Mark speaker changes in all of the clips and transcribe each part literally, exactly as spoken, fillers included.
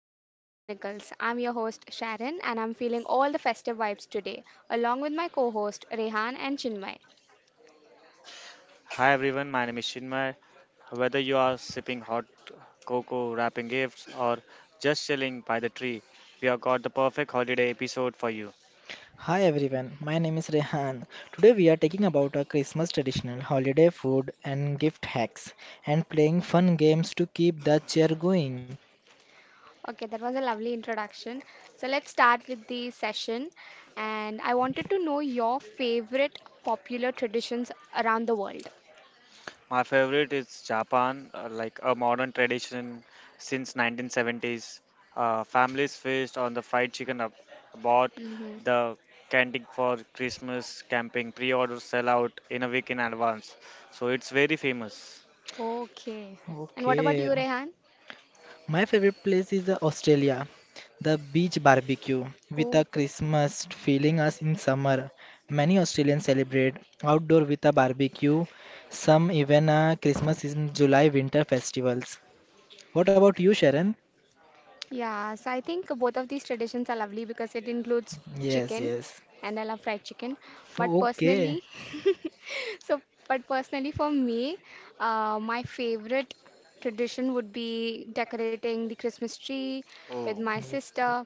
Speaker 1: to Christmas Chronicles. I'm your host Sharon, and I'm feeling all the festive vibes today along with my co-host Rehan and Chinmay.
Speaker 2: Hi everyone, my name is Chinmay. Whether you are sipping hot cocoa, wrapping gifts, or just chilling by the tree, we have got the perfect holiday episode for you.
Speaker 3: Hi everyone, my name is Rehan. Today we are talking about a Christmas traditional holiday food and gift hacks and playing fun games to keep the cheer going.
Speaker 1: Okay, that was a lovely introduction. So let's start with the session, and I wanted to know your favorite popular traditions around the world.
Speaker 2: My favorite is Japan, uh, like a modern tradition since nineteen seventies. Uh, families feast on the fried chicken ab- bought,
Speaker 1: Hmm.
Speaker 2: the candy for Christmas, camping, pre-order sell out in a week in advance. So it's very famous.
Speaker 1: Okay. And what about
Speaker 3: Okay,
Speaker 1: you, Rehan?
Speaker 3: my favorite place is uh, Australia, the beach barbecue with a
Speaker 1: Oh,
Speaker 3: Christmas feeling as in summer. Many Australians celebrate outdoor with a barbecue, some even uh, Christmas in July winter festivals. What about you, Sharon?
Speaker 1: yeah. So I think both of these traditions are lovely because it includes
Speaker 3: Yes,
Speaker 1: chicken,
Speaker 3: yes.
Speaker 1: and I love fried chicken. But
Speaker 3: Okay.
Speaker 1: personally, so, but personally for me, uh, my favorite tradition would be decorating the Christmas tree with
Speaker 2: Oh,
Speaker 1: my
Speaker 3: Okay.
Speaker 1: sister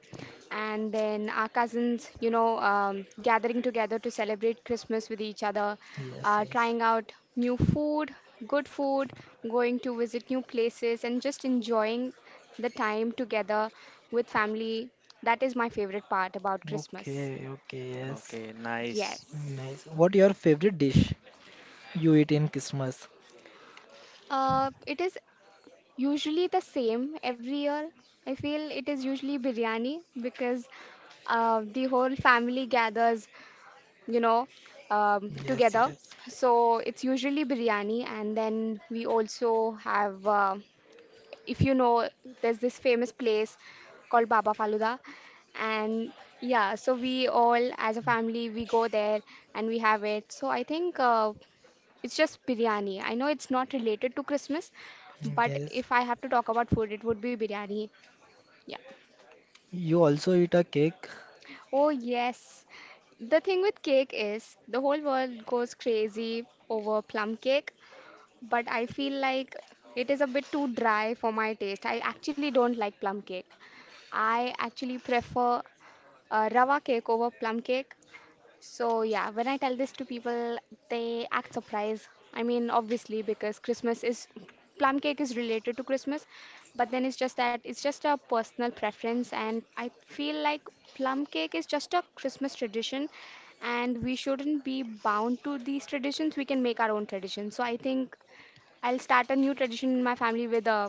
Speaker 1: and then our cousins, you know, um, gathering together to celebrate Christmas with each other,
Speaker 3: Yes,
Speaker 1: uh,
Speaker 3: yes.
Speaker 1: trying out new food, good food, going to visit new places, and just enjoying the time together with family. That is my favorite part about Christmas.
Speaker 3: Okay, okay, yes.
Speaker 2: okay, nice.
Speaker 1: Yes.
Speaker 3: Nice. What your favorite dish you eat in Christmas?
Speaker 1: Uh, it is usually the same every year. I feel it is usually biryani because uh, the whole family gathers, you know, um,
Speaker 3: Yes,
Speaker 1: together.
Speaker 3: yes.
Speaker 1: So it's usually biryani, and then we also have, uh, if you know, there's this famous place called Baba Faluda, and yeah, so we all as a family we go there and we have it. So I think uh, it's just biryani. I know it's not related to Christmas, but
Speaker 3: Yes.
Speaker 1: if I have to talk about food, it would be biryani. Yeah.
Speaker 3: You also eat a cake?
Speaker 1: Oh, yes. The thing with cake is the whole world goes crazy over plum cake, but I feel like it is a bit too dry for my taste. I actually don't like plum cake. I actually prefer uh, rava cake over plum cake. So, yeah, when I tell this to people, they act surprised. I mean, obviously, because Christmas is plum cake is related to Christmas, but then it's just that it's just a personal preference, and I feel like plum cake is just a Christmas tradition, and we shouldn't be bound to these traditions. We can make our own tradition. So, I think I'll start a new tradition in my family with uh,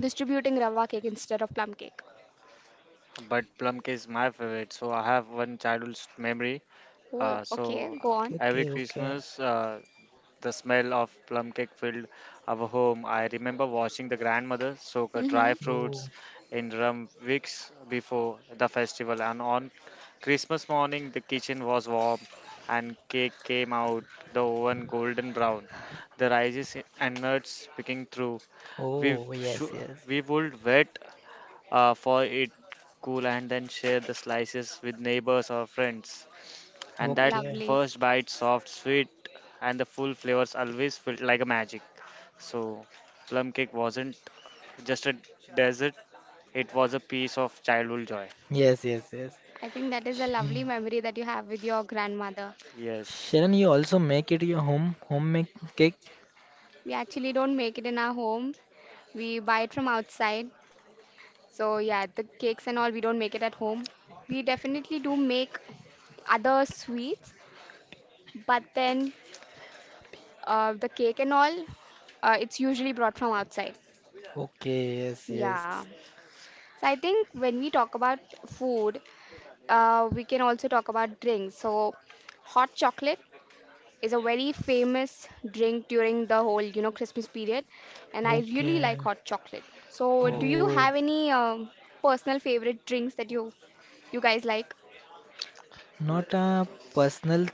Speaker 1: distributing rava cake instead of plum cake.
Speaker 2: But plum cake is my favorite. So I have one childhood s- memory.
Speaker 1: Oh,
Speaker 2: Uh, so
Speaker 1: okay, go
Speaker 2: uh,
Speaker 1: on.
Speaker 2: every
Speaker 3: Okay, okay.
Speaker 2: Christmas, uh, the smell of plum cake filled our home. I remember watching the grandmother soak uh,
Speaker 1: Mm-hmm.
Speaker 2: dry
Speaker 3: Oh,
Speaker 2: fruits in rum weeks before the festival, and on Christmas morning, the kitchen was warm and cake came out the oven golden brown. The rices and nuts picking through. We,
Speaker 3: oh, yes,
Speaker 2: sh-
Speaker 3: yes.
Speaker 2: we would wait uh, for it cool and then share the slices with neighbors or friends. And that
Speaker 3: Okay.
Speaker 1: Lovely.
Speaker 2: first bite, soft, sweet, and the full flavors always felt like a magic. So, plum cake wasn't just a dessert, it was a piece of childhood joy.
Speaker 3: Yes, yes, yes.
Speaker 1: I think that is a
Speaker 3: Sh-
Speaker 1: lovely memory that you have with your grandmother.
Speaker 2: Yes.
Speaker 3: Sharon, you also make it your home homemade cake?
Speaker 1: We actually don't make it in our home. We buy it from outside. So yeah, the cakes and all we don't make it at home. We definitely do make other sweets, but then uh, the cake and all, uh, it's usually brought from outside.
Speaker 3: Okay, yes,
Speaker 1: Yeah.
Speaker 3: yes.
Speaker 1: So I think when we talk about food, uh, we can also talk about drinks. So hot chocolate is a very famous drink during the whole, you know, Christmas period, and I really
Speaker 3: Okay.
Speaker 1: like hot chocolate. So, do
Speaker 2: Oh,
Speaker 1: you
Speaker 3: Oh,
Speaker 1: have any um, personal favorite drinks that you you guys like?
Speaker 3: not a personal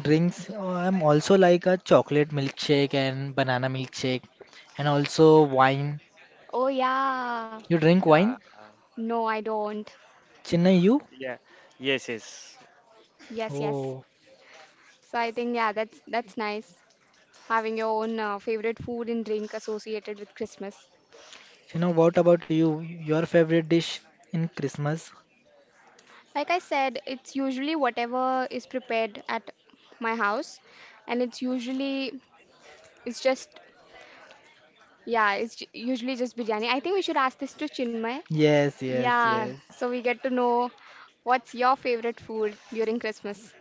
Speaker 3: drinks. Oh, I'm also like a chocolate milkshake and banana milkshake, and also wine.
Speaker 1: Oh yeah.
Speaker 3: You drink
Speaker 2: yeah.
Speaker 3: wine,
Speaker 1: No, I don't.
Speaker 3: Chennai? You?
Speaker 2: Yeah. Yes, yes.
Speaker 1: Yes, yes.
Speaker 3: Oh.
Speaker 1: So I think yeah, that's that's nice having your own uh, favorite food and drink associated with Christmas.
Speaker 3: You know, what about you? Your favorite dish in Christmas?
Speaker 1: Like I said, it's usually whatever is prepared at my house, and it's usually it's just yeah, it's ju- usually just biryani. I think we should ask this to Chinmay.
Speaker 3: Yes, yes,
Speaker 1: Yeah,
Speaker 2: Yes.
Speaker 3: yes.
Speaker 1: so we get to know what's your favorite food during Christmas.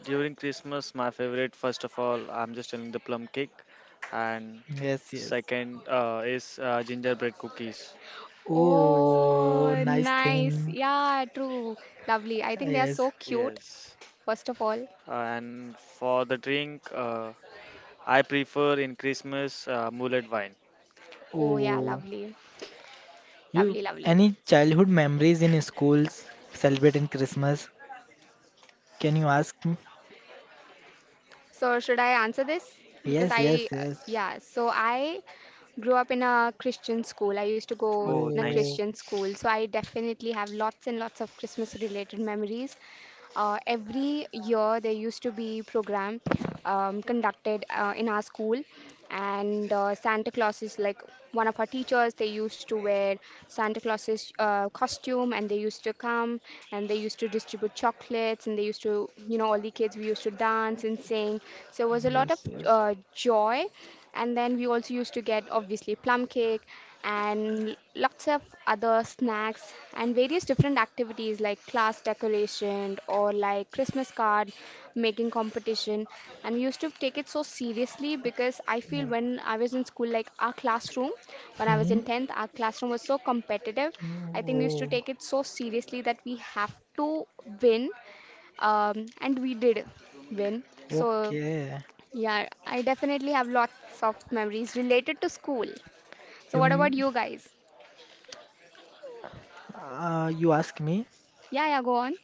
Speaker 2: During Christmas, my favorite, first of all, I'm just telling the plum cake. And
Speaker 3: Yes, yes.
Speaker 2: second uh, is uh, gingerbread cookies.
Speaker 3: Oh,
Speaker 1: Oh,
Speaker 3: nice
Speaker 1: nice.
Speaker 3: thing.
Speaker 1: Yeah, true. Lovely. I think they are
Speaker 3: Yes.
Speaker 1: so cute,
Speaker 2: Yes,
Speaker 1: first of all.
Speaker 2: uh, and for the drink, uh, I prefer in Christmas uh, mullet wine.
Speaker 1: Oh, yeah,
Speaker 3: Oh,
Speaker 1: lovely.
Speaker 3: you
Speaker 1: Lovely, lovely.
Speaker 3: any childhood memories in schools celebrating Christmas? Can you ask me?
Speaker 1: So, should I answer this? Because
Speaker 3: Yes, yes,
Speaker 1: I, uh,
Speaker 3: yes.
Speaker 1: yeah, so I grew up in a Christian school. I used to go
Speaker 2: Oh,
Speaker 1: in a
Speaker 3: Oh,
Speaker 2: nice.
Speaker 1: Christian school, so I definitely have lots and lots of Christmas related memories. Uh, every year there used to be program um, conducted uh, in our school, and uh, Santa Claus is like one of our teachers. They used to wear Santa Claus's uh, costume, and they used to come, and they used to distribute chocolates, and they used to, you know, all the kids we used to dance and sing. So it was a lot of
Speaker 3: yes, yes.
Speaker 1: uh, joy, and then we also used to get obviously plum cake and lots of other snacks and various different activities like class decoration or like Christmas card making competition. And we used to take it so seriously because I feel
Speaker 3: Oh.
Speaker 1: when I was in school, like our classroom, when I was
Speaker 3: Hmm.
Speaker 1: in tenth, our classroom was so competitive. I think we used
Speaker 3: Oh,
Speaker 1: to take it so seriously that we have to win, um, and we did win. So,
Speaker 3: okay.
Speaker 1: yeah, I definitely have lots of memories related to school. So,
Speaker 3: You,
Speaker 1: what about
Speaker 3: m-
Speaker 1: you guys?
Speaker 3: uh, you ask me.
Speaker 1: Yeah, yeah, go on.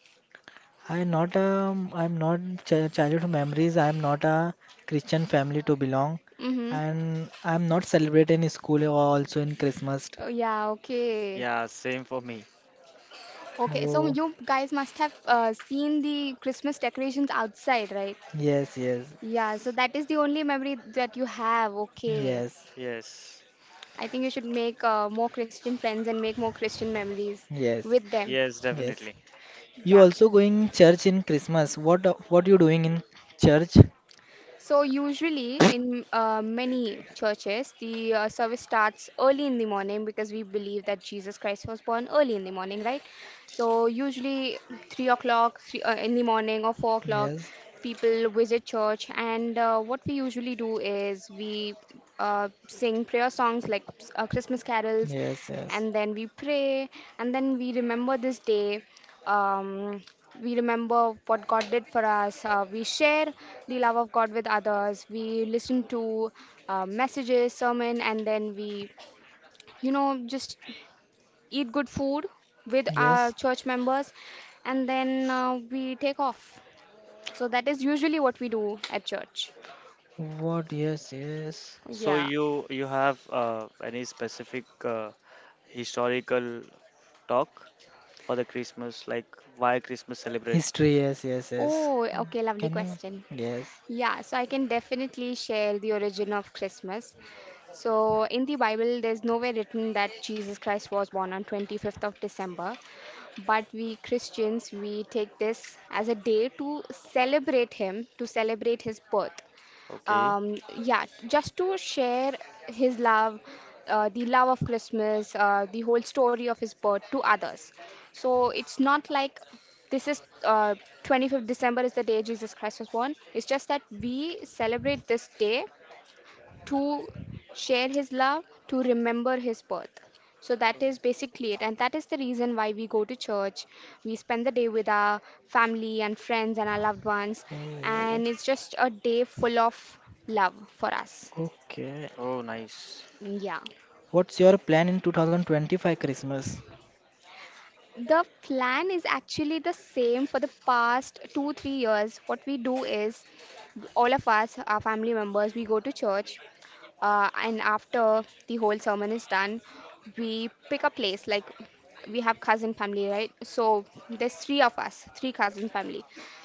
Speaker 3: i not um I'm not ch- childhood memories. I'm not a Christian family to belong,
Speaker 1: Mm-hmm.
Speaker 3: and I'm not celebrating in school or also in Christmas.
Speaker 1: Oh, yeah, okay.
Speaker 2: Yeah, same for me.
Speaker 1: Okay, so
Speaker 3: Oh,
Speaker 1: you guys must have uh, seen the Christmas decorations outside, right?
Speaker 3: yes, yes,
Speaker 1: Yeah, so that is the only memory that you have. Okay.
Speaker 3: yes,
Speaker 2: Yes,
Speaker 1: I think you should make uh, more Christian friends and make more Christian memories
Speaker 3: yes,
Speaker 1: with them.
Speaker 2: yes,
Speaker 3: yes.
Speaker 2: definitely.
Speaker 3: You
Speaker 1: Yeah.
Speaker 3: also going church in Christmas. What what you doing in church?
Speaker 1: So usually in uh, many churches, the uh, service starts early in the morning because we believe that Jesus Christ was born early in the morning, right? So usually three o'clock three, uh, in the morning or four o'clock,
Speaker 3: Yes,
Speaker 1: people visit church, and uh, what we usually do is we uh, sing prayer songs like uh, Christmas carols,
Speaker 3: yes, yes,
Speaker 1: and then we pray, and then we remember this day. Um, we remember what God did for us. Uh, we share the love of God with others. We listen to uh, messages, sermon, and then we, you know, just eat good food with
Speaker 3: yes.
Speaker 1: our church members, and then uh, we take off. So that is usually what we do at church.
Speaker 3: What? Yes, yes.
Speaker 2: So
Speaker 1: Yeah.
Speaker 2: you you have uh, any specific uh, historical talk for the Christmas, like why Christmas celebrate?
Speaker 3: History. Yes, yes, yes.
Speaker 1: Oh, okay, lovely
Speaker 3: Can you?
Speaker 1: question.
Speaker 3: Yes.
Speaker 1: Yeah, so I can definitely share the origin of Christmas. So in the Bible, there's nowhere written that Jesus Christ was born on twenty-fifth of December, but we Christians we take this as a day to celebrate him, to celebrate his birth.
Speaker 2: Okay.
Speaker 1: Um, yeah, just to share his love, uh, the love of Christmas, uh, the whole story of his birth to others. So it's not like this is uh, twenty-fifth December is the day Jesus Christ was born. It's just that we celebrate this day to share his love, to remember his birth. So that is basically it. And that is the reason why we go to church. We spend the day with our family and friends and our loved ones.
Speaker 3: Oh,
Speaker 1: And it's just a day full of love for us.
Speaker 3: okay.
Speaker 2: Oh, nice.
Speaker 1: Yeah.
Speaker 3: What's your plan in two thousand twenty-five Christmas?
Speaker 1: The plan is actually the same for the past two, three years. What we do is all of us, our family members, we go to church. Uh, and after the whole sermon is done, we pick a place like we have cousin family, right? So there's three of us, three cousin family.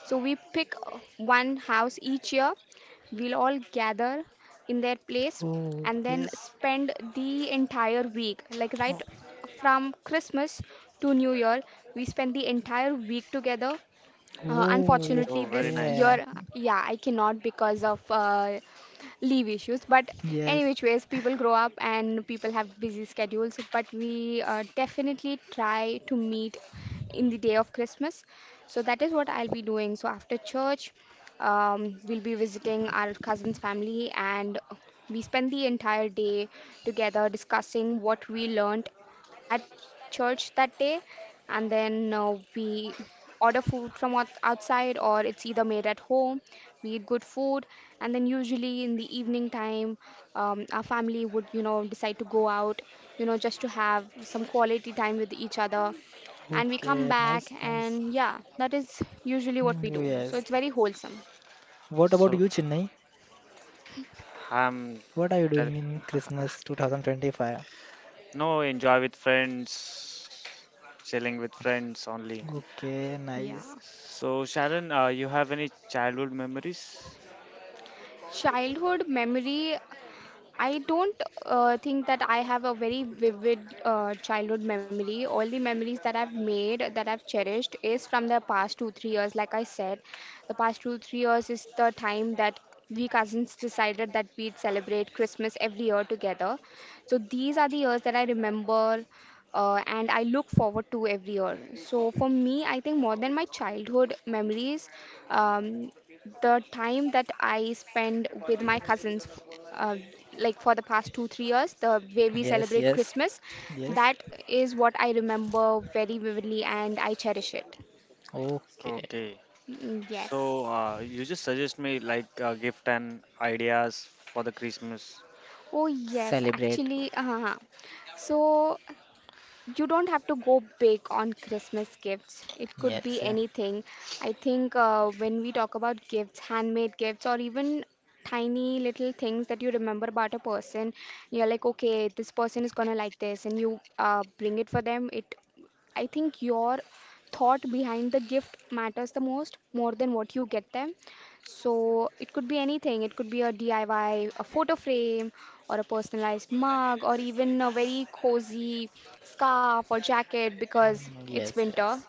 Speaker 1: So we pick uh, one house each year. We'll all gather in their place
Speaker 3: Oh,
Speaker 1: and then
Speaker 3: yes.
Speaker 1: spend the entire week, like right
Speaker 3: Oh,
Speaker 1: from Christmas to New Year, we spend the entire week together. Uh,
Speaker 3: oh,
Speaker 1: unfortunately,
Speaker 2: Oh, very
Speaker 1: this
Speaker 2: nice.
Speaker 3: okay.
Speaker 1: year, yeah, I cannot because of uh, leave issues, but any
Speaker 3: Yes.
Speaker 1: which ways people grow up and people have busy schedules, but we uh, definitely try to meet in the day of Christmas. So that is what I'll be doing. So after church, um, we'll be visiting our cousin's family, and we spend the entire day together discussing what we learned at church that day. And then uh, we order food from out- outside, or it's either made at home. We eat good food, and then usually in the evening time, um, our family would, you know, decide to go out, you know, just to have some quality time with each other. And we come
Speaker 3: Okay.
Speaker 1: back,
Speaker 3: Nice, nice.
Speaker 1: and yeah, that is usually what
Speaker 3: Mm,
Speaker 1: we do. So
Speaker 3: yes.
Speaker 1: it's very wholesome.
Speaker 3: What about
Speaker 2: So
Speaker 3: you, Chennai?
Speaker 2: I'm.
Speaker 3: What are you
Speaker 2: tell-
Speaker 3: doing in Christmas twenty twenty-five?
Speaker 2: No, enjoy with friends, chilling with friends only.
Speaker 3: Okay, nice.
Speaker 1: Yeah.
Speaker 2: So, Sharon, uh, you have any childhood memories?
Speaker 1: Childhood memory, I don't uh, think that I have a very vivid uh, childhood memory. All the memories that I've made, that I've cherished, is from the past two, three years. Like I said, the past two, three years is the time that we cousins decided that we'd celebrate Christmas every year together. So these are the years that I remember uh, and I look forward to every year. So for me, I think more than my childhood memories, um, the time that I spend with my cousins, f- uh, like for the past two, three years, the way we
Speaker 3: Yes,
Speaker 1: celebrate
Speaker 3: yes,
Speaker 1: Christmas,
Speaker 3: yes.
Speaker 1: that is what I remember very vividly and I cherish it.
Speaker 3: Okay.
Speaker 2: Okay.
Speaker 1: Mm, yes.
Speaker 2: So, uh, you just suggest me like uh, gift and ideas for the Christmas.
Speaker 1: Oh, yes,
Speaker 3: Celebrate.
Speaker 1: actually. Uh-huh. So you don't have to go big on Christmas gifts. It could
Speaker 3: Yes,
Speaker 1: be
Speaker 3: yeah.
Speaker 1: anything. I think uh, when we talk about gifts, handmade gifts, or even tiny little things that you remember about a person, you're like, okay, this person is gonna like this, and you uh, bring it for them. It, I think your thought behind the gift matters the most, more than what you get them. So it could be anything. It could be a D I Y, a photo frame, or a personalized mug, or even a very cozy scarf or jacket because
Speaker 3: Mm,
Speaker 1: it's
Speaker 3: yes,
Speaker 1: winter.
Speaker 3: yes.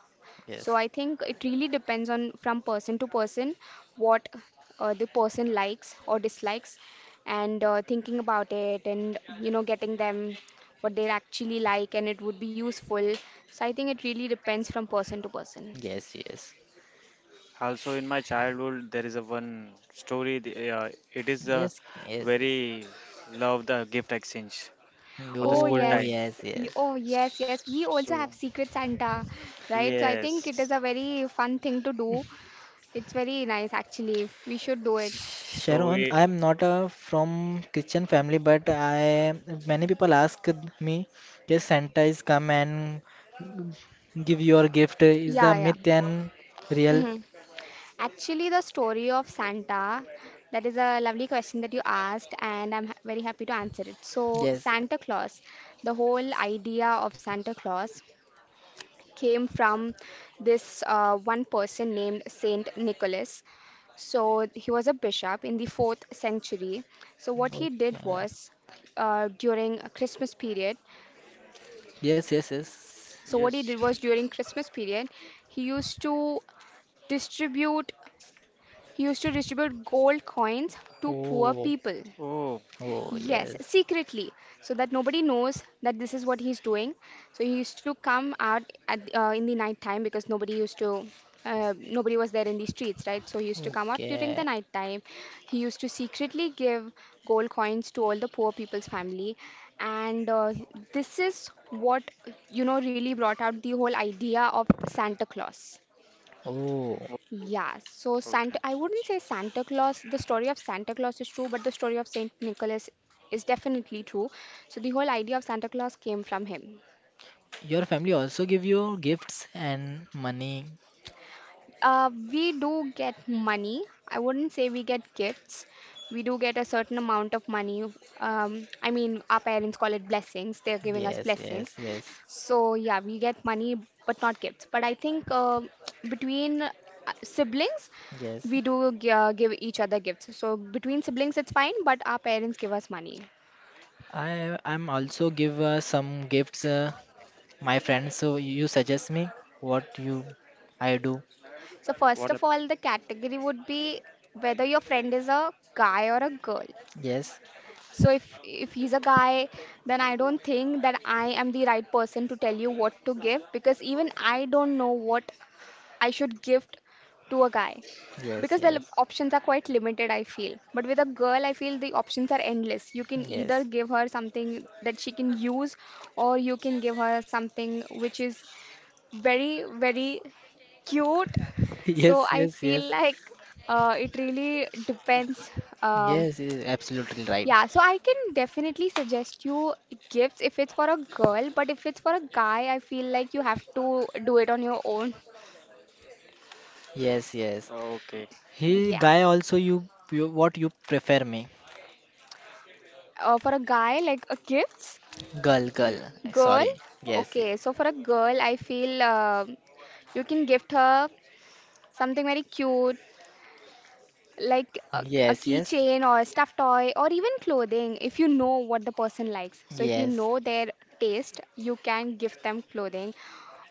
Speaker 1: So
Speaker 3: Yes.
Speaker 1: I think it really depends on from person to person what uh, the person likes or dislikes, and uh, thinking about it, and you know, getting them what they actually like, and it would be useful. So I think it really depends from person to person.
Speaker 3: Yes, yes.
Speaker 2: Also, in my childhood, there is a one story. The- Uh, it is a
Speaker 3: Yes, yes, yes.
Speaker 2: very love the gift exchange for the
Speaker 1: Oh
Speaker 2: school
Speaker 3: Oh,
Speaker 2: time.
Speaker 1: yes.
Speaker 3: yes,
Speaker 1: Y-
Speaker 3: yes.
Speaker 1: Oh yes, yes, we also
Speaker 2: So,
Speaker 1: have Secret Santa, right? So I think it is a
Speaker 2: yes.
Speaker 1: very fun thing to do. It's very nice actually. We should do it.
Speaker 2: So,
Speaker 3: Sharon,
Speaker 2: we
Speaker 3: I'm not a from Christian family, but I many people ask me, yes, Santa is come and give your gift. Is
Speaker 1: Yeah,
Speaker 3: the
Speaker 1: yeah.
Speaker 3: myth and real?
Speaker 1: hmm Actually, the story of Santa, that is a lovely question that you asked, and I'm ha- very happy to answer it. So,
Speaker 3: Yes.
Speaker 1: Santa Claus, the whole idea of Santa Claus came from this uh, one person named Saint Nicholas. So he was a bishop in the fourth century. So what he did
Speaker 3: Okay.
Speaker 1: was uh, during a Christmas period.
Speaker 3: Yes, yes, yes.
Speaker 1: So what he
Speaker 2: yes.
Speaker 1: did was during Christmas period, he used to distribute he used to distribute gold coins to poor
Speaker 3: Oh.
Speaker 1: people.
Speaker 2: Oh,
Speaker 3: Oh,
Speaker 1: Yes,
Speaker 3: yes.
Speaker 1: secretly, so that nobody knows that this is what he's doing. So he used to come out at the- uh, in the night time because nobody used to, uh, nobody was there in the streets, right? So he used to come out during the
Speaker 3: Okay.
Speaker 1: night time. He used to secretly give gold coins to all the poor people's family, and uh, this is what you know really brought out the whole idea of Santa Claus.
Speaker 3: Oh,
Speaker 2: oh,
Speaker 1: Yeah, so Santa,
Speaker 2: okay.
Speaker 1: I wouldn't say Santa Claus, the story of Santa Claus is true, but the story of Saint Nicholas is definitely true. So the whole idea of Santa Claus came from him.
Speaker 3: your family also give you gifts and money.
Speaker 1: Uh, we do get money. I wouldn't say we get gifts. We do get a certain amount of money. Um, I mean, our parents call it blessings. They're giving us
Speaker 3: Yes,
Speaker 1: blessings.
Speaker 3: yes, yes,
Speaker 1: So, yeah, we get money, but not gifts. But I think uh, between uh, siblings,
Speaker 3: yes.
Speaker 1: we do gi- uh, give each other gifts. So, between siblings, it's fine, but our parents give us money.
Speaker 3: I I'm also give uh, some gifts. Uh, my friends, so you suggest me what you I do.
Speaker 1: So, first
Speaker 2: What up?
Speaker 1: of all, the category would be whether your friend is a guy or a girl.
Speaker 3: Yes,
Speaker 1: So if if he's a guy, then I don't think that I am the right person to tell you what to give because even I don't know what I should gift to a guy
Speaker 3: yes,
Speaker 1: because the li-
Speaker 3: yes,
Speaker 1: options are quite limited, I feel. But with a girl, I feel the options are endless. You can either
Speaker 3: yes.
Speaker 1: give her something that she can use, or you can give her something which is very, very cute. So
Speaker 3: Yes,
Speaker 1: I
Speaker 3: yes, yes.
Speaker 1: feel like uh, it really depends. Um,
Speaker 3: Yes, yes, absolutely right.
Speaker 1: yeah, so I can definitely suggest you gifts if it's for a girl, but if it's for a guy, I feel like you have to do it on your own.
Speaker 3: Yes, yes.
Speaker 2: Okay.
Speaker 3: He
Speaker 1: Yeah.
Speaker 3: guy also you, you what you prefer me?
Speaker 1: Uh, for a guy, like a gifts,
Speaker 3: Girl, girl.
Speaker 2: Yeah.
Speaker 1: girl,
Speaker 3: Sorry. Yes. ye-
Speaker 1: okay. So for a girl, I feel uh, you can gift her something very cute, like a, a
Speaker 3: Yes, yes.
Speaker 1: keychain or a stuffed toy, or even clothing if you know what the person likes. So if you
Speaker 3: Yes.
Speaker 1: know their taste, you can give them clothing,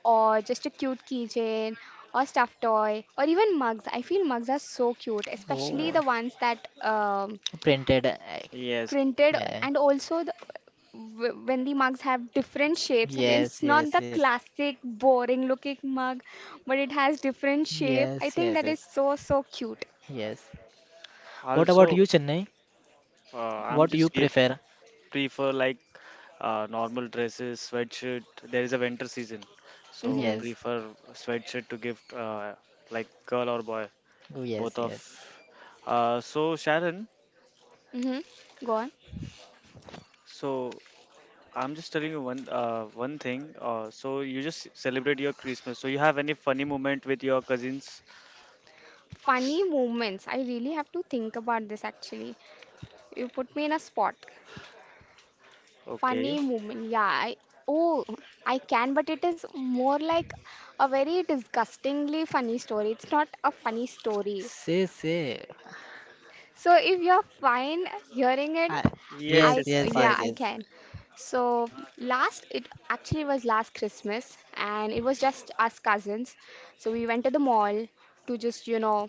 Speaker 1: or just a cute keychain or stuffed toy, or even mugs. I feel mugs are so cute, especially
Speaker 3: Oh,
Speaker 1: the ones that um,
Speaker 3: printed. uh,
Speaker 2: Yes.
Speaker 1: printed,
Speaker 3: Yeah.
Speaker 1: and also the, w- when the mugs have different shapes and it's
Speaker 3: Yes,
Speaker 1: not
Speaker 3: yes,
Speaker 1: the
Speaker 3: yes.
Speaker 1: classic boring looking mug, but it has different shape, I
Speaker 3: Yes,
Speaker 1: think
Speaker 3: yes,
Speaker 1: that is
Speaker 3: yes.
Speaker 1: so, so cute.
Speaker 3: Yes. What about
Speaker 2: Also,
Speaker 3: you, Chennai?
Speaker 2: uh, I'm
Speaker 3: What you
Speaker 2: just give
Speaker 3: prefer?
Speaker 2: prefer like uh, normal dresses, sweatshirt. There is a winter season, so
Speaker 1: Hmm.
Speaker 3: Yes.
Speaker 2: prefer sweatshirt to gift uh, like girl or boy,
Speaker 3: Oh yes,
Speaker 2: both of.
Speaker 3: yes.
Speaker 2: Uh, so Sharon,
Speaker 1: Mm-hmm. Go on.
Speaker 2: so I'm just telling you one uh, one thing. Uh, so you just celebrate your Christmas. So you have any funny moment with your cousins?
Speaker 1: Funny moments. I really have to think about this actually. You put me in a spot. Funny
Speaker 2: Okay.
Speaker 1: moment. Yeah. I, oh, I can, but it is more like a very disgustingly funny story. It's not a funny story.
Speaker 3: Say, say.
Speaker 1: So if you're fine hearing it,
Speaker 3: I,
Speaker 2: Yes.
Speaker 3: yes,
Speaker 1: I
Speaker 2: Yes.
Speaker 3: yes, yes,
Speaker 1: yeah, I
Speaker 3: yes.
Speaker 2: Fine.
Speaker 1: can. So last it actually was last Christmas, and it was just us cousins. So we went to the mall to just, you know,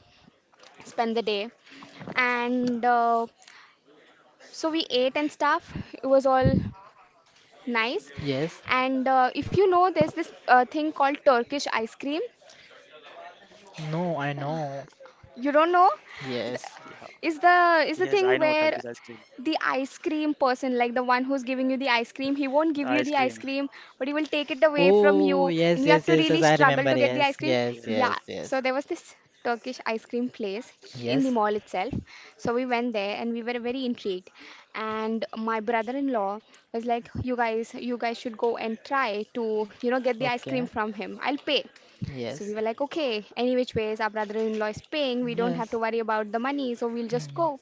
Speaker 1: spend the day, and uh, so we ate and stuff. It was all nice,
Speaker 3: Yes.
Speaker 1: and uh, if you know, there's this uh, thing called Turkish ice cream.
Speaker 3: No, I know.
Speaker 1: You don't know?
Speaker 2: Yeah.
Speaker 3: Yes.
Speaker 1: Is
Speaker 2: Yes,
Speaker 1: the
Speaker 2: I
Speaker 1: is the
Speaker 2: know
Speaker 1: thing
Speaker 2: Turkish ice
Speaker 1: where
Speaker 2: cream.
Speaker 1: the ice cream person, like the one who's giving you the ice cream, he won't give
Speaker 2: Ice
Speaker 1: you the
Speaker 2: cream.
Speaker 1: ice cream, but he will take it away from
Speaker 3: Oh,
Speaker 1: you, and
Speaker 3: yes,
Speaker 1: you have
Speaker 3: yes,
Speaker 1: to
Speaker 3: yes,
Speaker 1: really
Speaker 3: yes. I
Speaker 1: struggle to
Speaker 3: remember.
Speaker 1: get the ice
Speaker 3: Yes,
Speaker 1: cream.
Speaker 3: yes,
Speaker 2: Yes.
Speaker 1: Yeah,
Speaker 3: yes,
Speaker 1: so
Speaker 3: yes.
Speaker 1: there was this Turkish ice cream place in the
Speaker 3: Yes.
Speaker 1: mall itself, so we went there and we were very intrigued, and my brother-in-law was like, you guys you guys should go and try to, you know get the ice cream
Speaker 3: Okay.
Speaker 1: from him, I'll pay. So we
Speaker 3: Yes.
Speaker 1: were like, okay, any which ways, our brother-in-law is paying. We don't have to
Speaker 3: Yes.
Speaker 1: worry about the money, so we'll just
Speaker 3: Hmm.
Speaker 1: go.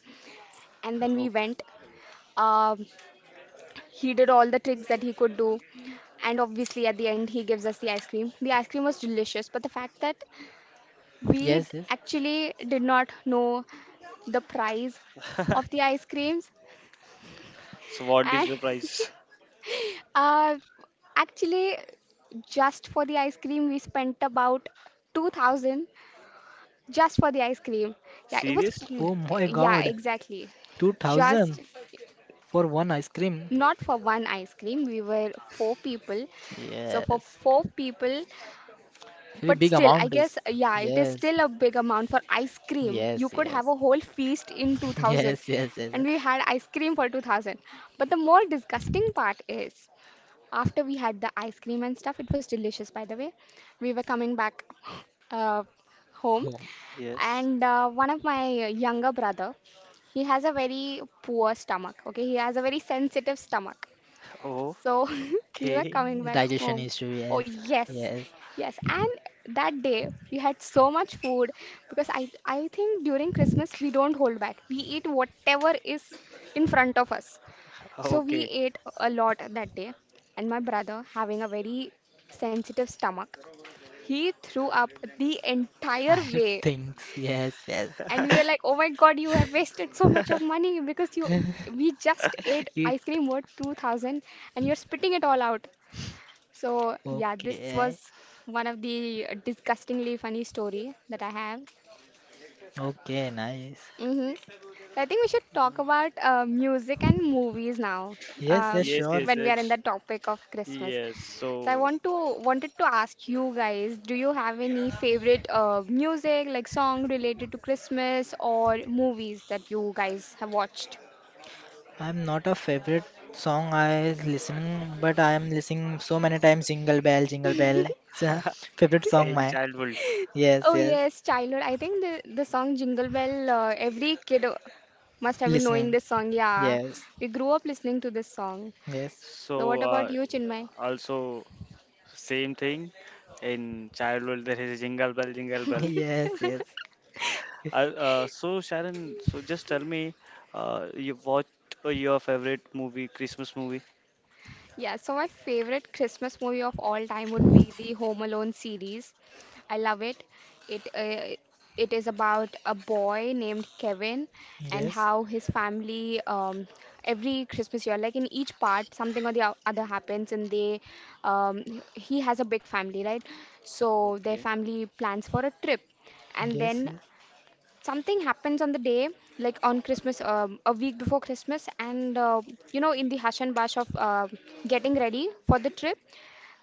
Speaker 1: And then we
Speaker 2: Okay.
Speaker 1: went. Um, he did all the tricks that he could do, and obviously at the end he gives us the ice cream. The ice cream was delicious, but the fact that we d-
Speaker 3: Yes, yes.
Speaker 1: actually did not know the price of the ice creams,
Speaker 2: So what is
Speaker 1: and
Speaker 2: the price?
Speaker 1: uh, actually just for the ice cream we spent about two thousand. Just for the ice cream. Yeah, it was, f-
Speaker 3: Oh
Speaker 2: Seriously?
Speaker 3: my
Speaker 1: yeah,
Speaker 3: God.
Speaker 1: exactly. Just
Speaker 3: two thousand for one ice cream.
Speaker 1: not for one ice cream. We were four people. So for
Speaker 3: Yes,
Speaker 1: four people,
Speaker 3: very
Speaker 1: but
Speaker 3: big
Speaker 1: still, I
Speaker 3: amount
Speaker 1: guess,
Speaker 3: is.
Speaker 1: yeah, it is
Speaker 3: Yes,
Speaker 1: still a big amount for ice cream. You
Speaker 3: yes,
Speaker 1: could have
Speaker 3: yes,
Speaker 1: a whole feast in two thousand.
Speaker 3: yes, yes,
Speaker 1: And
Speaker 3: yes.
Speaker 1: we had ice cream for two thousand. But the more disgusting part is, after we had the ice cream and stuff, it was delicious, by the way. We were coming back uh, home,
Speaker 3: Oh,
Speaker 2: Yes.
Speaker 1: and uh, one of my younger brother, he has a very poor stomach. Okay, he has a very sensitive stomach. So we were
Speaker 2: Okay.
Speaker 1: coming back
Speaker 3: digestion
Speaker 1: home.
Speaker 3: issue.
Speaker 1: Oh
Speaker 3: Yes,
Speaker 1: yes,
Speaker 3: yes.
Speaker 1: yes. And that day we had so much food, because I I think during Christmas we don't hold back. We eat whatever is in front of us. So we
Speaker 2: Okay.
Speaker 1: ate a lot that day, and my brother, having a very sensitive stomach, he threw up the
Speaker 3: I
Speaker 1: entire way.
Speaker 3: think yes, yes.
Speaker 1: And we were like, "Oh my God, you have wasted so much of money because you we just ate
Speaker 3: It
Speaker 1: ice cream worth two thousand and you're spitting it all out." So yeah, this
Speaker 3: okay,
Speaker 1: was one of the disgustingly funny story that I have.
Speaker 3: okay, nice.
Speaker 1: Mm-hmm. So, I think we should talk about uh, music and movies now,
Speaker 3: Yes,
Speaker 1: uh,
Speaker 3: yes,
Speaker 2: Yes,
Speaker 3: sure.
Speaker 2: yes,
Speaker 1: when we
Speaker 2: uh,
Speaker 1: are in the topic of Christmas.
Speaker 2: yes.
Speaker 1: So I
Speaker 2: So
Speaker 1: want to wanted to ask you guys, do you have any favorite uh, music, like song, related to Christmas, or movies that you guys have watched?
Speaker 3: I'm not a favorite song I listening, but I am listening so many times. Jingle bell, jingle bell. It's a favorite song.
Speaker 2: in childhood,
Speaker 3: Yes,
Speaker 1: Oh
Speaker 3: yes.
Speaker 1: yes, childhood. I think the the song Jingle Bell. Uh, every kid uh, must have been knowing
Speaker 3: Listening.
Speaker 1: this song. Yeah,
Speaker 3: Yes.
Speaker 1: we grew up listening to this song.
Speaker 3: Yes.
Speaker 2: so
Speaker 1: So what about
Speaker 2: uh,
Speaker 1: you, Chinmay?
Speaker 2: also same thing. In childhood, there is jingle bell, jingle bell.
Speaker 3: Yes, yes.
Speaker 2: Uh, uh, so Sharon, so just tell me, uh, you what uh, your favorite movie, Christmas movie?
Speaker 1: Yeah, so my favorite Christmas movie of all time would be the Home Alone series. I love it. It uh, it is about a boy named Kevin, and
Speaker 3: Yes.
Speaker 1: how his family, um, every Christmas year, like in each part, something or the o- other happens, and they um, he he has a big family, right? So their
Speaker 2: Okay.
Speaker 1: family plans for a trip, and
Speaker 3: Yes,
Speaker 1: then
Speaker 3: yes.
Speaker 1: something happens on the day, like on Christmas, um, a week before Christmas, and uh, you know in the hush and bush of uh, getting ready for the trip,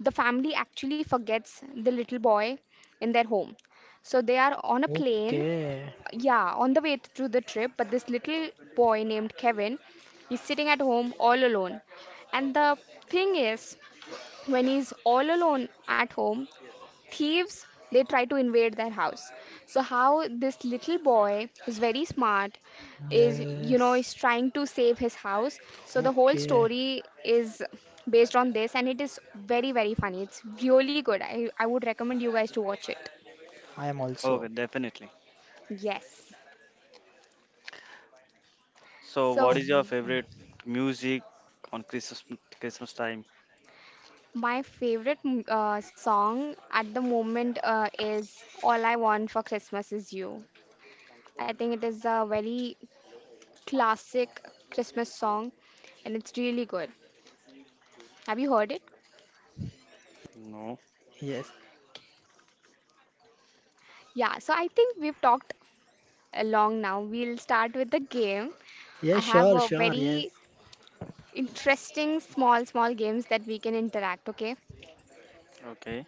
Speaker 1: the family actually forgets the little boy in their home. So they are on a plane,
Speaker 3: Okay.
Speaker 1: yeah, on the way to the trip, but this little boy named Kevin is sitting at home all alone. And the thing is, when he's all alone at home, thieves, they try to invade their house. So how this little boy, who's very smart, is you know is
Speaker 3: Yes.
Speaker 1: trying to save his house. So the whole
Speaker 3: Okay.
Speaker 1: story is based on this, and it is very, very funny. It's really good. I, I would recommend you guys to watch it.
Speaker 3: I am
Speaker 2: Okay,
Speaker 3: also.
Speaker 2: definitely.
Speaker 1: Yes,
Speaker 2: So, what
Speaker 1: so
Speaker 2: is your favorite music on Christmas Christmas time?
Speaker 1: my favorite m- uh, song at the moment uh, is All I Want for Christmas Is You. I think it is a very classic Christmas song, and it's really good. Have you heard it?
Speaker 2: No.
Speaker 3: Yes.
Speaker 1: Yeah, so I think we've talked along now. We'll start with the game. I
Speaker 3: Yes,
Speaker 1: have
Speaker 3: sure,
Speaker 1: a
Speaker 3: sure. Yes.
Speaker 1: very interesting small, small games that we can interact, okay?
Speaker 2: Okay.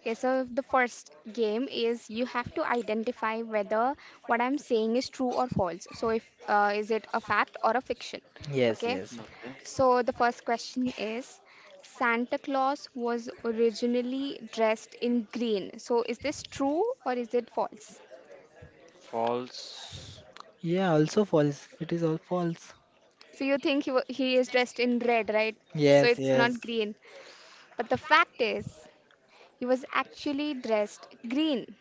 Speaker 1: Okay, so the first game is you have to identify whether what I'm saying is true or false. So if uh, Is it a fact or a fiction?
Speaker 3: Yes,
Speaker 1: Okay.
Speaker 3: yes.
Speaker 2: Okay.
Speaker 1: So the first question is, Santa Claus was originally dressed in green. So is this true, or is it false?
Speaker 2: False.
Speaker 3: Yeah, also false. It is all false.
Speaker 1: So you think he, wa he is dressed in red, right? So
Speaker 3: Yes,
Speaker 1: it's
Speaker 3: yes.
Speaker 1: not green. But the fact is, he was actually dressed green.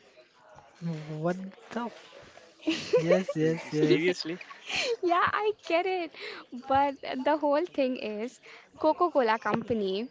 Speaker 3: What the. Yes, yes,
Speaker 2: Se-
Speaker 3: yes.
Speaker 2: Seriously?
Speaker 1: Yeah, I get it. But the whole thing is, Coca-Cola company,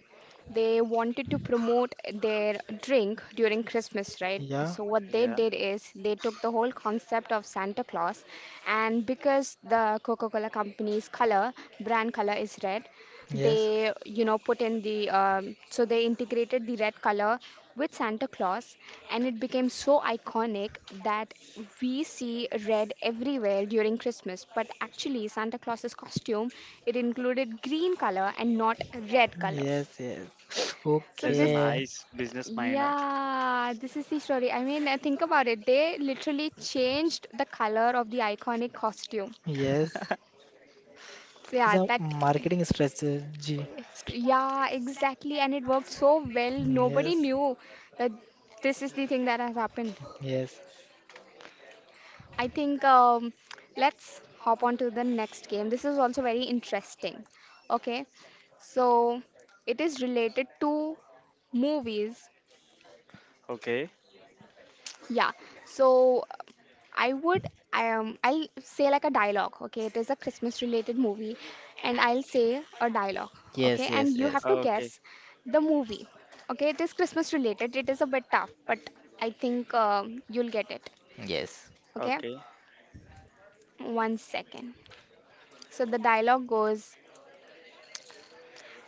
Speaker 1: they wanted to promote their drink during Christmas, right?
Speaker 3: Yeah,
Speaker 1: So what they
Speaker 2: Yeah.
Speaker 1: did is, they took the whole concept of Santa Claus, and because the Coca-Cola company's color, brand color is red,
Speaker 3: yes,
Speaker 1: they you know put in the um, so they integrated the red color with Santa Claus, and it became so iconic that we see red everywhere during Christmas. But actually, Santa Claus's costume, it included green color and not red color.
Speaker 3: yes, yes.
Speaker 1: So
Speaker 2: There is a
Speaker 1: this
Speaker 3: Okay.
Speaker 2: nice business mind. Huh?
Speaker 1: Yeah, this is the story. I mean, uh, think about it. They literally changed the color of the iconic costume.
Speaker 3: Yes.
Speaker 1: So
Speaker 3: It's
Speaker 1: yeah,
Speaker 3: a
Speaker 1: that.
Speaker 3: marketing strategy. St-
Speaker 1: Yeah, exactly. And it worked so well. Nobody
Speaker 3: Yes,
Speaker 1: knew that this is the thing that has happened.
Speaker 3: yes,
Speaker 1: I think um, let's hop on to the next game. This is also very interesting. Okay, so it is related to movies.
Speaker 2: Okay.
Speaker 1: Yeah. So I would um I'll say like a dialogue, okay? It is a Christmas related movie, and I'll say a dialogue,
Speaker 3: yes,
Speaker 1: okay? And
Speaker 3: yes,
Speaker 1: you have
Speaker 3: yes,
Speaker 1: to
Speaker 2: Okay.
Speaker 1: guess the movie. Okay? It is Christmas related. It is a bit tough, but I think um, you'll get it.
Speaker 3: yes.
Speaker 1: Okay?
Speaker 2: Okay.
Speaker 1: One second. So the dialogue goes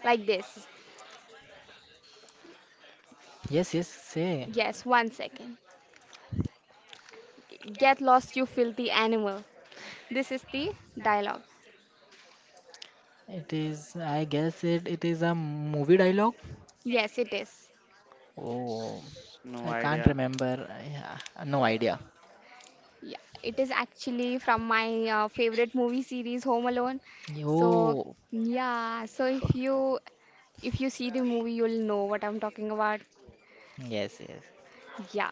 Speaker 1: like this.
Speaker 3: Yes, yes, say.
Speaker 1: Yes, one second. Get lost, you filthy animal. This is the dialogue.
Speaker 3: It is, I guess it, it is a movie dialogue.
Speaker 1: Yes, it is.
Speaker 3: Oh,
Speaker 2: S-
Speaker 3: I
Speaker 2: No
Speaker 3: can't
Speaker 2: idea.
Speaker 3: remember. I, no idea.
Speaker 1: Yeah, it is actually from my uh, favorite movie series, Home Alone. So,
Speaker 3: Oh,
Speaker 1: yeah, so if you if you see the movie, you'll know what I'm talking about.
Speaker 3: yes, yes.
Speaker 1: Yeah.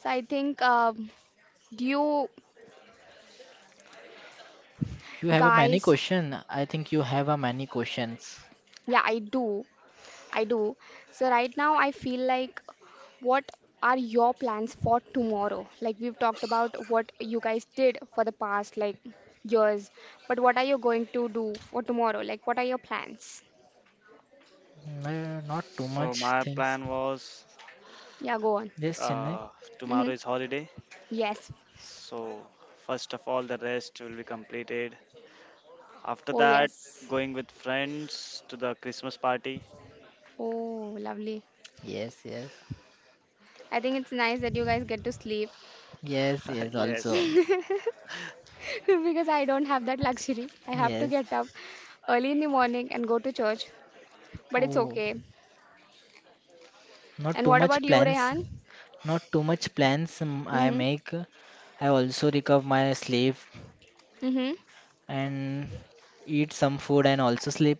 Speaker 1: So I think, um, do you
Speaker 3: You have a many
Speaker 1: guys?
Speaker 3: question. I think you have a many questions.
Speaker 1: Yeah, I do. I do. So right now I feel like, what are your plans for tomorrow? Like, we've talked about what you guys did for the past, like, years, but what are you going to do for tomorrow? Like, what are your plans?
Speaker 3: Mm, uh, not too
Speaker 2: So
Speaker 3: much
Speaker 2: my
Speaker 3: things.
Speaker 2: plan was
Speaker 1: Yeah, go on.
Speaker 3: Yes, Chennai.
Speaker 2: uh,
Speaker 1: Mm-hmm.
Speaker 2: tomorrow is holiday.
Speaker 1: Yes.
Speaker 2: So first of all, the rest will be completed. After
Speaker 1: Oh,
Speaker 2: that,
Speaker 1: yes.
Speaker 2: going with friends to the Christmas party.
Speaker 1: Oh, lovely.
Speaker 3: Yes, yes,
Speaker 1: I think it's nice that you guys get to sleep,
Speaker 3: yes, yes. Also,
Speaker 2: yes.
Speaker 1: because I don't have that luxury. I have to
Speaker 3: yes.
Speaker 1: get up early in the morning and go to church, but it's
Speaker 3: Oh,
Speaker 1: okay.
Speaker 3: not
Speaker 1: And
Speaker 3: too
Speaker 1: what
Speaker 3: much
Speaker 1: about you,
Speaker 3: plans.
Speaker 1: Rehan?
Speaker 3: Not too much plans. um, I
Speaker 1: Mm-hmm.
Speaker 3: make. I also recover my sleep
Speaker 1: Mm-hmm.
Speaker 3: and eat some food and also sleep.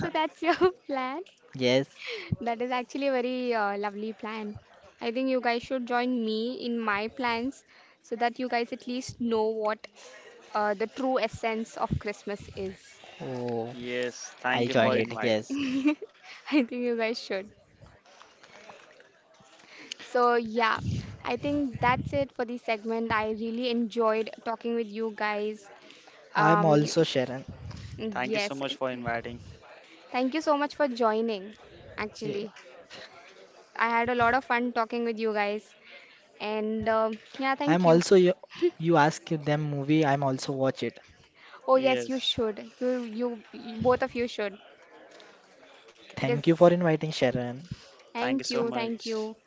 Speaker 1: So that's your plan.
Speaker 3: Yes.
Speaker 1: That is actually a very uh, lovely plan. I think you guys should join me in my plans so that you guys at least know what uh, the true essence of Christmas is.
Speaker 3: Oh,
Speaker 2: Yes,
Speaker 3: I
Speaker 2: thank you for
Speaker 3: joined
Speaker 1: Yeah,
Speaker 3: it.
Speaker 2: invite.
Speaker 3: Yes.
Speaker 1: I think you guys should. So, yeah, I think that's it for this segment. I really enjoyed talking with you guys.
Speaker 3: I'm
Speaker 1: Um,
Speaker 3: also Sharon.
Speaker 2: Thank you so
Speaker 1: yes,
Speaker 2: much for inviting.
Speaker 1: thank you so much for joining.
Speaker 3: Yeah.
Speaker 1: Actually, I had a lot of fun talking with you guys, and um yeah, thank
Speaker 3: I'm
Speaker 1: you.
Speaker 3: also you. You ask them movie. I'm also watch it.
Speaker 1: Oh, yes, you
Speaker 2: Yes,
Speaker 1: should. You, you, you, both of you should. It
Speaker 3: Thank you for
Speaker 1: is.
Speaker 3: inviting Sharon.
Speaker 2: thank you
Speaker 1: Thank
Speaker 2: so
Speaker 1: you, thank
Speaker 2: much.
Speaker 1: you.